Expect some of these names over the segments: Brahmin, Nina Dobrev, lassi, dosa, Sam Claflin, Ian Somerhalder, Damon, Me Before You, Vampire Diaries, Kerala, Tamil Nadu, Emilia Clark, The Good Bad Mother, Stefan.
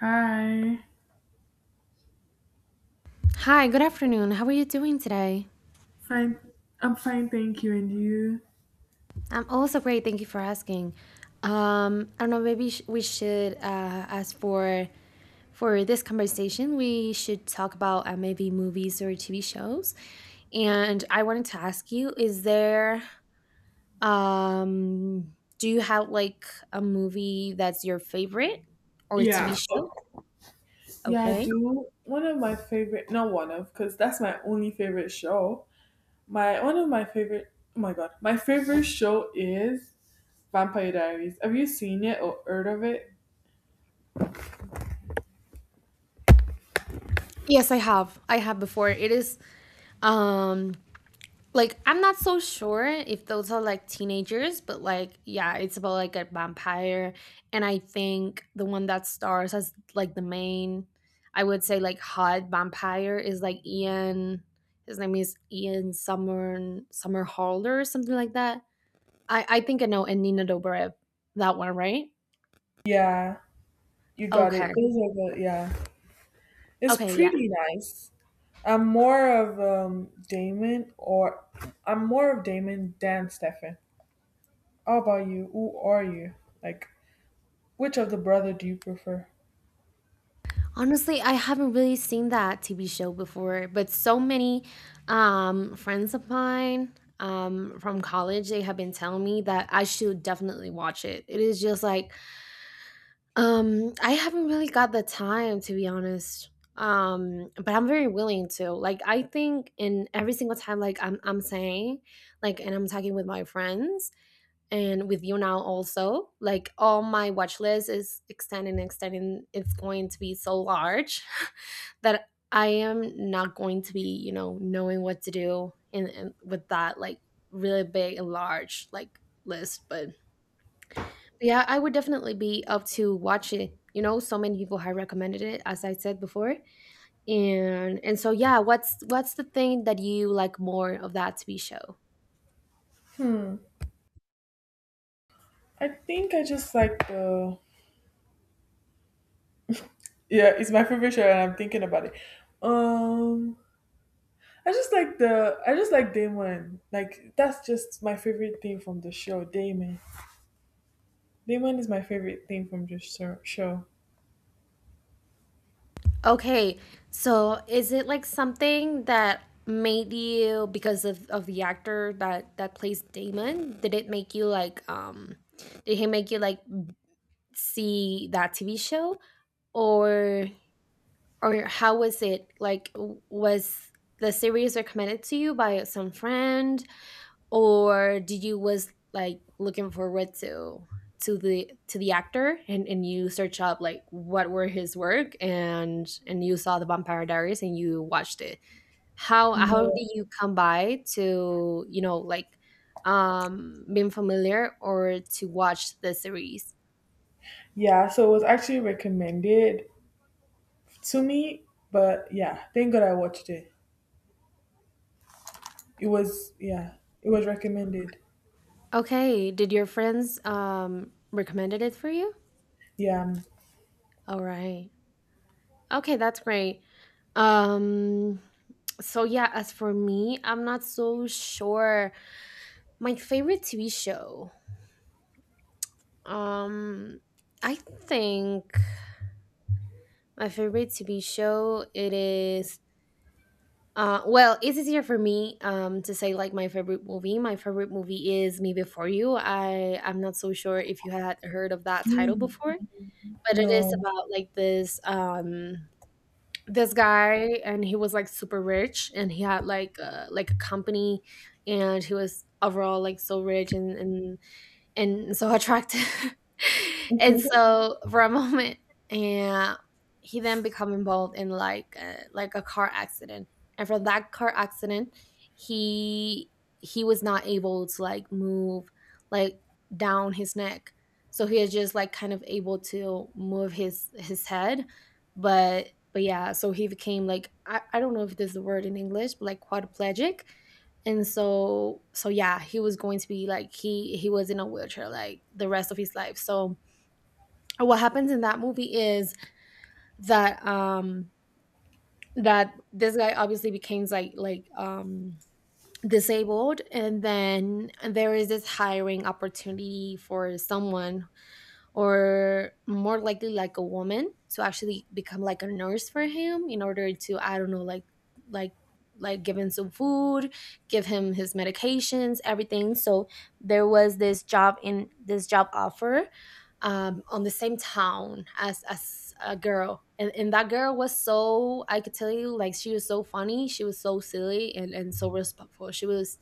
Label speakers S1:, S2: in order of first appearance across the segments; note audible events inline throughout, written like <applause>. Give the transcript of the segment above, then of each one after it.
S1: Hi.
S2: Hi, good afternoon. How are you doing today?
S1: Fine. I'm fine, thank you. And you?
S2: I'm also great, thank you for asking. I don't know. Maybe we should ask for this conversation. We should talk about maybe movies or TV shows. And I wanted to ask you: Is there do you have like a movie that's your favorite, or a TV
S1: Yeah.
S2: show?
S1: Oh, Yeah, I
S2: Okay.
S1: do. One of my favorite, not one of, because that's my only favorite show. My one of my favorite. Oh my god, my favorite show is Vampire Diaries. Have you seen it or heard of it?
S2: Yes, I have. I have before. It is. Um, like, I'm not so sure if those are like teenagers, but like yeah, it's about like a vampire, and I think the one that stars as like the main, I would say like hot vampire, is like Ian. His name is Ian Summer Halder or something like that. I think I know, and Nina Dobrev, that one, right?
S1: Yeah, you got it.
S2: Okay,
S1: Those are the yeah. It's
S2: okay, yeah.
S1: pretty nice. I'm more of Damon than Stefan. How about you? Who are you? Like, which of the brother do you prefer?
S2: Honestly, I haven't really seen that TV show before, but so many friends of mine, from college, they have been telling me that I should definitely watch it. It is just like, I haven't really got the time, to be honest, but I'm very willing to. Like, I think in every single time, like, I'm saying, like, and I'm talking with my friends and with you now also, like, all my watch list is extending, extending. It's going to be so large that I am not going to be, you know, knowing what to do in and with that like really big and large like list. But yeah, I would definitely be up to watch it. You know, so many people have recommended it, as I said before. And so yeah, what's the thing that you like more of that TV show?
S1: I think I just like the yeah, it's my favorite show, and I'm thinking about it. Um, I just like Damon. Like that's just my favorite thing from the show. Damon is my favorite thing from the show.
S2: Okay, so is it like something that made you, because of the actor that plays Damon? Did it make you like, did he make you like see that TV show, or or how was it like, was the series recommended to you by some friend, or did you was like looking forward to the actor, and you search up like what were his work, and you saw the Vampire Diaries and you watched it? How
S1: No.
S2: did you come by to, you know, like, being familiar or to watch the series?
S1: Yeah, so it was actually recommended to me, but yeah, thank God I watched it. It was yeah, it was recommended.
S2: Okay, did your friends recommended it for you?
S1: Yeah,
S2: All right. Okay, that's great. Um so yeah, as for me, I'm not so sure. My favorite TV show. Um I think my favorite TV show it is, well, it's easier for me to say like my favorite movie. My favorite movie is Me Before You. I'm not so sure if you had heard of that
S1: me
S2: title before, but it is
S1: no.
S2: about like this, this guy, and he was like super rich, and he had like, like a company, and he was overall like so rich, and and so attractive. <laughs> And so for a moment, and he then become involved in like like a car accident. And from that car accident, he he was not able to like move, like, down his neck. So he is just like kind of able to move his head, but yeah, so he became like, I don't know if there's a word in English, but like quadriplegic. And so so yeah, he was going to be like, he was in a wheelchair like the rest of his life. So what happens in that movie is that, that this guy obviously became like disabled, and then there is this hiring opportunity for someone, or more likely like a woman, to actually become like a nurse for him, in order to, I don't know, like like give him some food, give him his medications, everything. So there was this job, in this job offer, on the same town as a girl, and that girl was so, I could tell you, like she was so funny, she was so silly, and so respectful. She was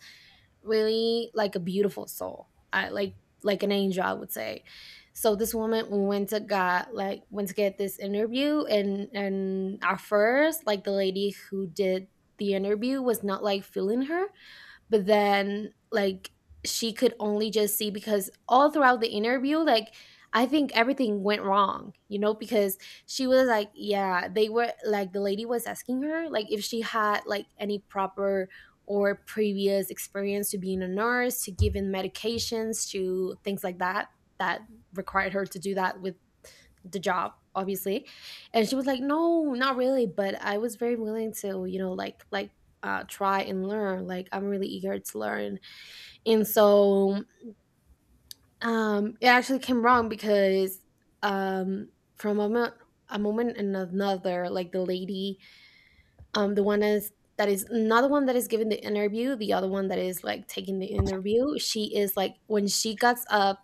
S2: really like a beautiful soul. I like an angel, I would say. So this woman went to got, like, went to get this interview, and at first like the lady who did the interview was not like feeling her, but then like, she could only just see, because all throughout the interview, like, I think everything went wrong, you know, because she was like, yeah, they were like, the lady was asking her like if she had like any proper or previous experience to being a nurse, to giving medications, to things like that, that required her to do that with the job, obviously. And she was like, no, not really, but I was very willing to, you know, like try and learn. Like, I'm really eager to learn. And so it actually came wrong because, um, from a moment, a moment and another, like the lady, the one is that is not the one that is giving the interview, the other one that is like taking the interview. She is like, when she gets up,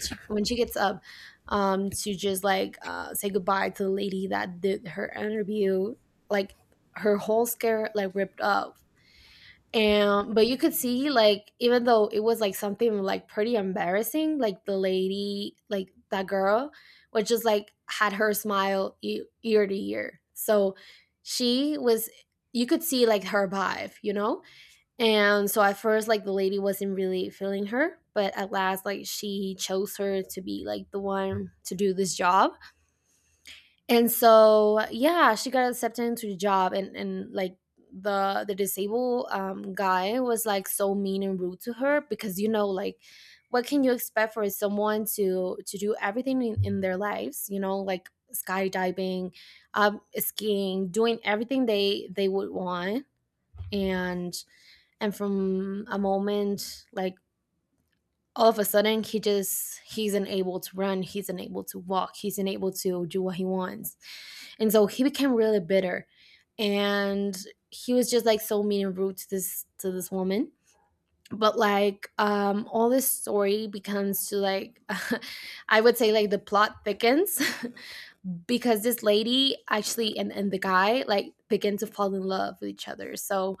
S2: when she gets up, to just like, say goodbye to the lady that did her interview, like, her whole skirt like ripped up. And but you could see, like, even though it was like something like pretty embarrassing, like the lady, like that girl, was just like had her smile ear to ear. So she was, you could see like her vibe, you know? And so at first like the lady wasn't really feeling her, but at last like she chose her to be like the one to do this job. And so yeah, she got accepted into the job, and like the disabled guy was like so mean and rude to her, because, you know, like, what can you expect for someone to do everything in their lives, you know, like skydiving, skiing, doing everything they would want. and and from a moment, like, all of a sudden, he just, he's unable to run, he's unable to walk, he's unable to do what he wants. And so he became really bitter, and he was just like so mean and rude to this, woman. But like, all this story becomes to like, <laughs> I would say, like, the plot thickens, <laughs> because this lady actually, and the guy, like, begin to fall in love with each other. So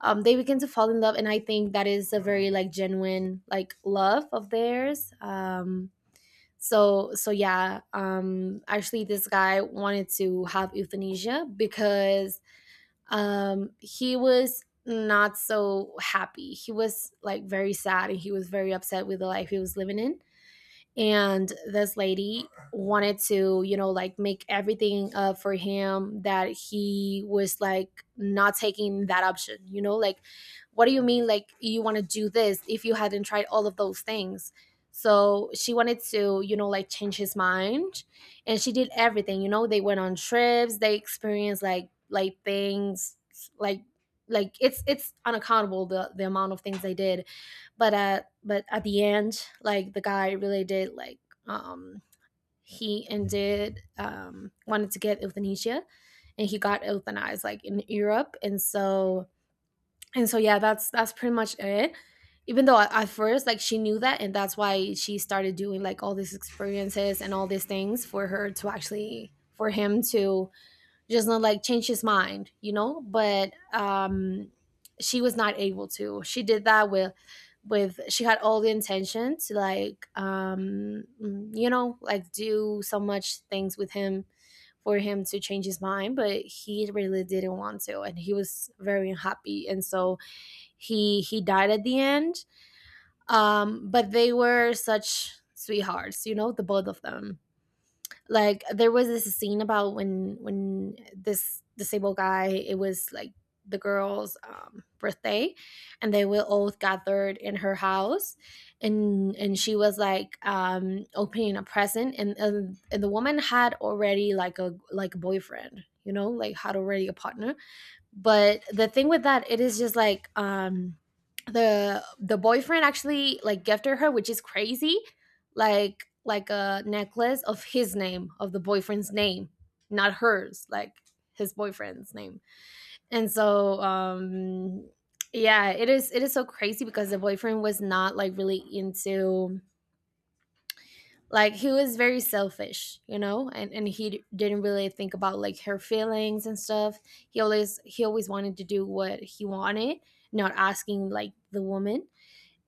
S2: they begin to fall in love, and I think that is a very like genuine like love of theirs. So so yeah, actually this guy wanted to have euthanasia because, he was not so happy, he was like very sad, and he was very upset with the life he was living in. And this lady wanted to, you know, like, make everything up for him, that he was like not taking that option, you know, like, what do you mean, like, you want to do this if you hadn't tried all of those things? So she wanted to, you know, like, change his mind. And she did everything, you know, they went on trips, they experienced like things, like like, it's unaccountable the amount of things they did. But at, but at the end, like, the guy really did, like, um he ended, wanted to get euthanasia, and he got euthanized like in Europe. And so and so yeah, that's pretty much it. Even though at first, like, she knew that, and that's why she started doing like all these experiences and all these things, for her to actually, for him to just not like change his mind, you know. But she was not able to. She did that with she had all the intention to like you know, like do so much things with him for him to change his mind, but he really didn't want to and he was very unhappy, and so he died at the end. But they were such sweethearts, you know, the both of them. Like there was this scene about when this disabled guy, it was like the girl's birthday, and they were all gathered in her house. And she was like opening a present, and the woman had already like a boyfriend, you know, like had already a partner. But the thing with that, it is just like the boyfriend actually like gifted her, which is crazy, like a necklace of his name, of the boyfriend's name, not hers, like his boyfriend's name. And yeah, it is so crazy because the boyfriend was not like really into, like he was very selfish, you know, and he didn't really think about like her feelings and stuff. He always wanted to do what he wanted, not asking like the woman.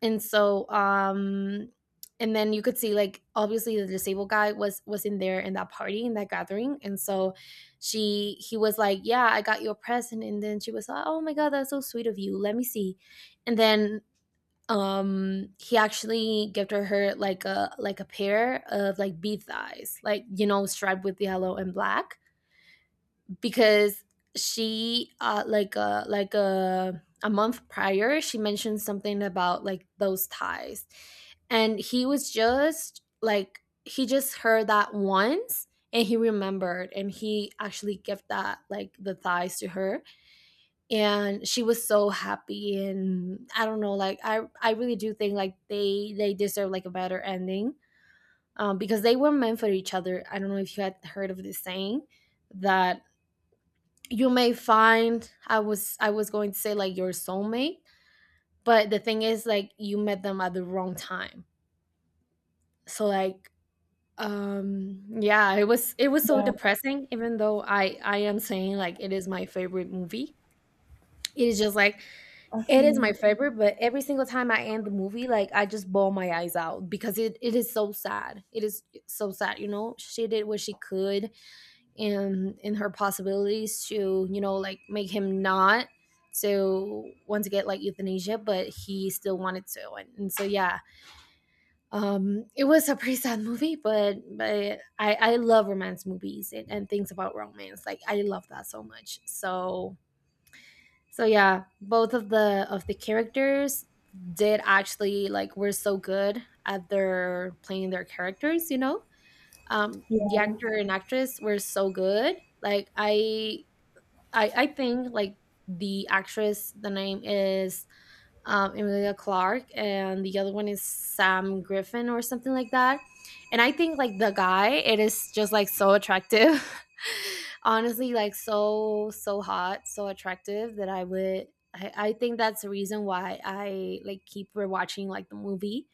S2: and so um and then you could see, like obviously the disabled guy was in there, in that party, in that gathering. And so she he was like, yeah, I got you a present. And then she was like, oh my god, that's so sweet of you, let me see. And then he actually gifted her like a pair of like bead thighs, like, you know, striped with yellow and black, because she like a month prior, she mentioned something about like those ties, and he was just like he just heard that once, and he remembered, and he actually gave that like the thighs to her. And she was so happy. And I don't know, like I really do think like they deserve like a better ending. Because they were meant for each other. I don't know if you had heard of this saying that you may find, I was going to say like your soulmate, but the thing is like you met them at the wrong time. So like yeah, it was
S1: <laughs>
S2: so
S1: Yeah,
S2: depressing, even though I am saying like it is my favorite movie. It is just like
S1: I
S2: it
S1: feel
S2: is my
S1: you.
S2: favorite, but every single time I end the movie, like I just bawl my eyes out because it is so sad. It is so sad, you know. She did what she could and in her possibilities to, you know, like make him not to want to get like euthanasia, but he still wanted to. And so yeah. It was a pretty sad movie, but I love romance movies and things about romance. Like I love that so much. So yeah, both of the characters did actually like were so good at their playing their characters, you know. The actor and actress were so good. Like I I think like the actress, the name is Emilia Clark, and the other one is Sam Griffin or something like that. And I think like the guy, it is just like so attractive. <laughs> Honestly, like so hot, so attractive that I would. I think that's the reason why I like keep rewatching like the movie.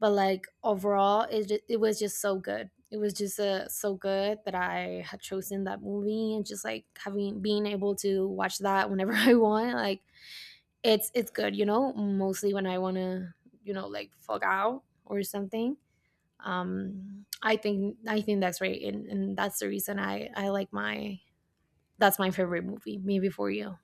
S2: But like overall, it it was just so good. It was just so good that I had chosen that movie and just like having being able to watch that whenever <laughs> I want. Like it's good, you know, mostly when I want to, you know, like fuck out or something. I think that's right, and that's the reason I like my that's my favorite movie, Me Before You.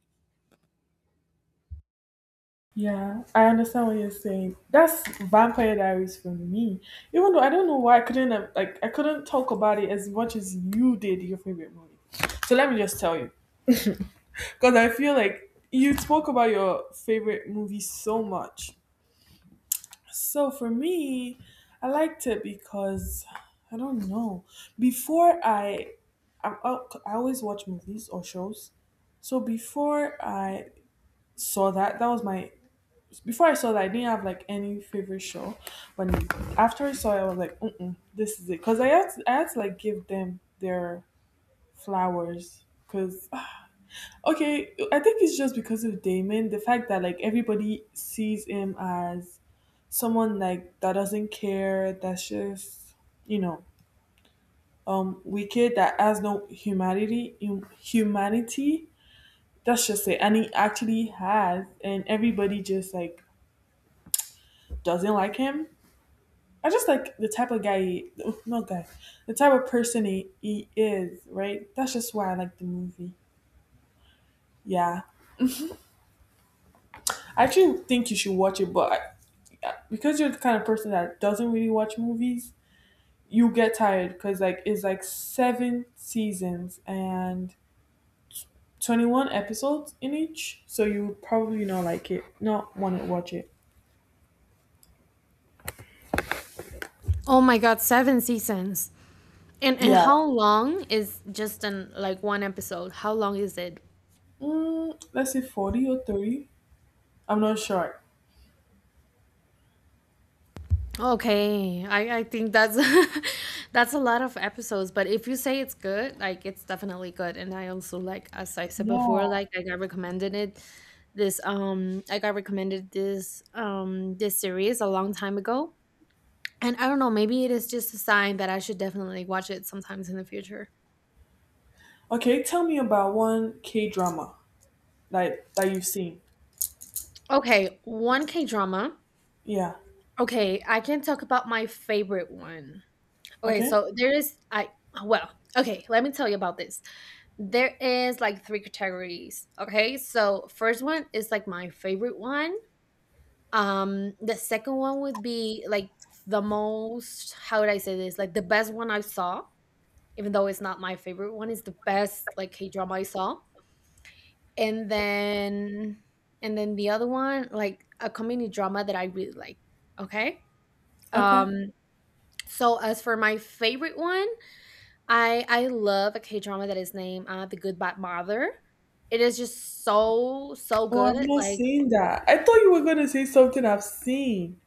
S1: Yeah, I understand what you're saying. That's Vampire Diaries for me. Even though I don't know why I couldn't have, like I couldn't talk about it as much as you did your favorite movie. So let me just tell you, because I feel like you spoke about your favorite movie so much. So for me, I liked it because I don't know. Before I, I'm, I always watch movies or shows. So before I saw that, that was my Before I saw that, I didn't have like any favorite show, but after I saw it, I was like, mm, this is it. Cause I had to like give them their flowers. Cause <sighs> okay, I think it's just because of Damon, the fact that like everybody sees him as someone like that doesn't care, that's just, you know, wicked, that has no humanity. That's just it, and he actually has, and everybody just like doesn't like him. I just like the type of guy, he, not guy, the type of person he is, right? That's just why I like the movie. Yeah. I actually think you should watch it, but because you're the kind of person that doesn't really watch movies, you get tired because like it's like seven seasons and 21 episodes in each. So you would probably not like it, not want to watch it.
S2: Oh my god, 7 seasons. And
S1: Yeah.
S2: how long is just an like one episode, how long is it?
S1: Mm, let's say 40 or 30. I'm not sure.
S2: Okay, I think that's <laughs> that's a lot of episodes, but if you say it's good, like it's definitely good. And I also like, as I said
S1: Yeah.
S2: before, like I got recommended it this I got recommended this this series a long time ago. And I don't know, maybe it is just a sign that I should definitely watch it sometimes in the future.
S1: Okay, tell me about one K drama, like, that you've seen.
S2: Okay, one K drama.
S1: Yeah.
S2: Okay, I can talk about my favorite one. Okay,
S1: Okay.
S2: so there is well, okay, let me tell you about this. There is like 3 categories. Okay. So first one is like my favorite one. The second one would be like the most, how would I say this? Like the best one I saw, even though it's not my favorite one, it's the best like K drama I saw. And then the other one, like a comedy drama that I really like. Okay.
S1: Okay.
S2: Um so as for my favorite one, I love a K drama that is named The Good Bad Mother. It is just so
S1: Oh, I've
S2: good.
S1: not
S2: Like
S1: seen that. I thought you were gonna say something I've seen.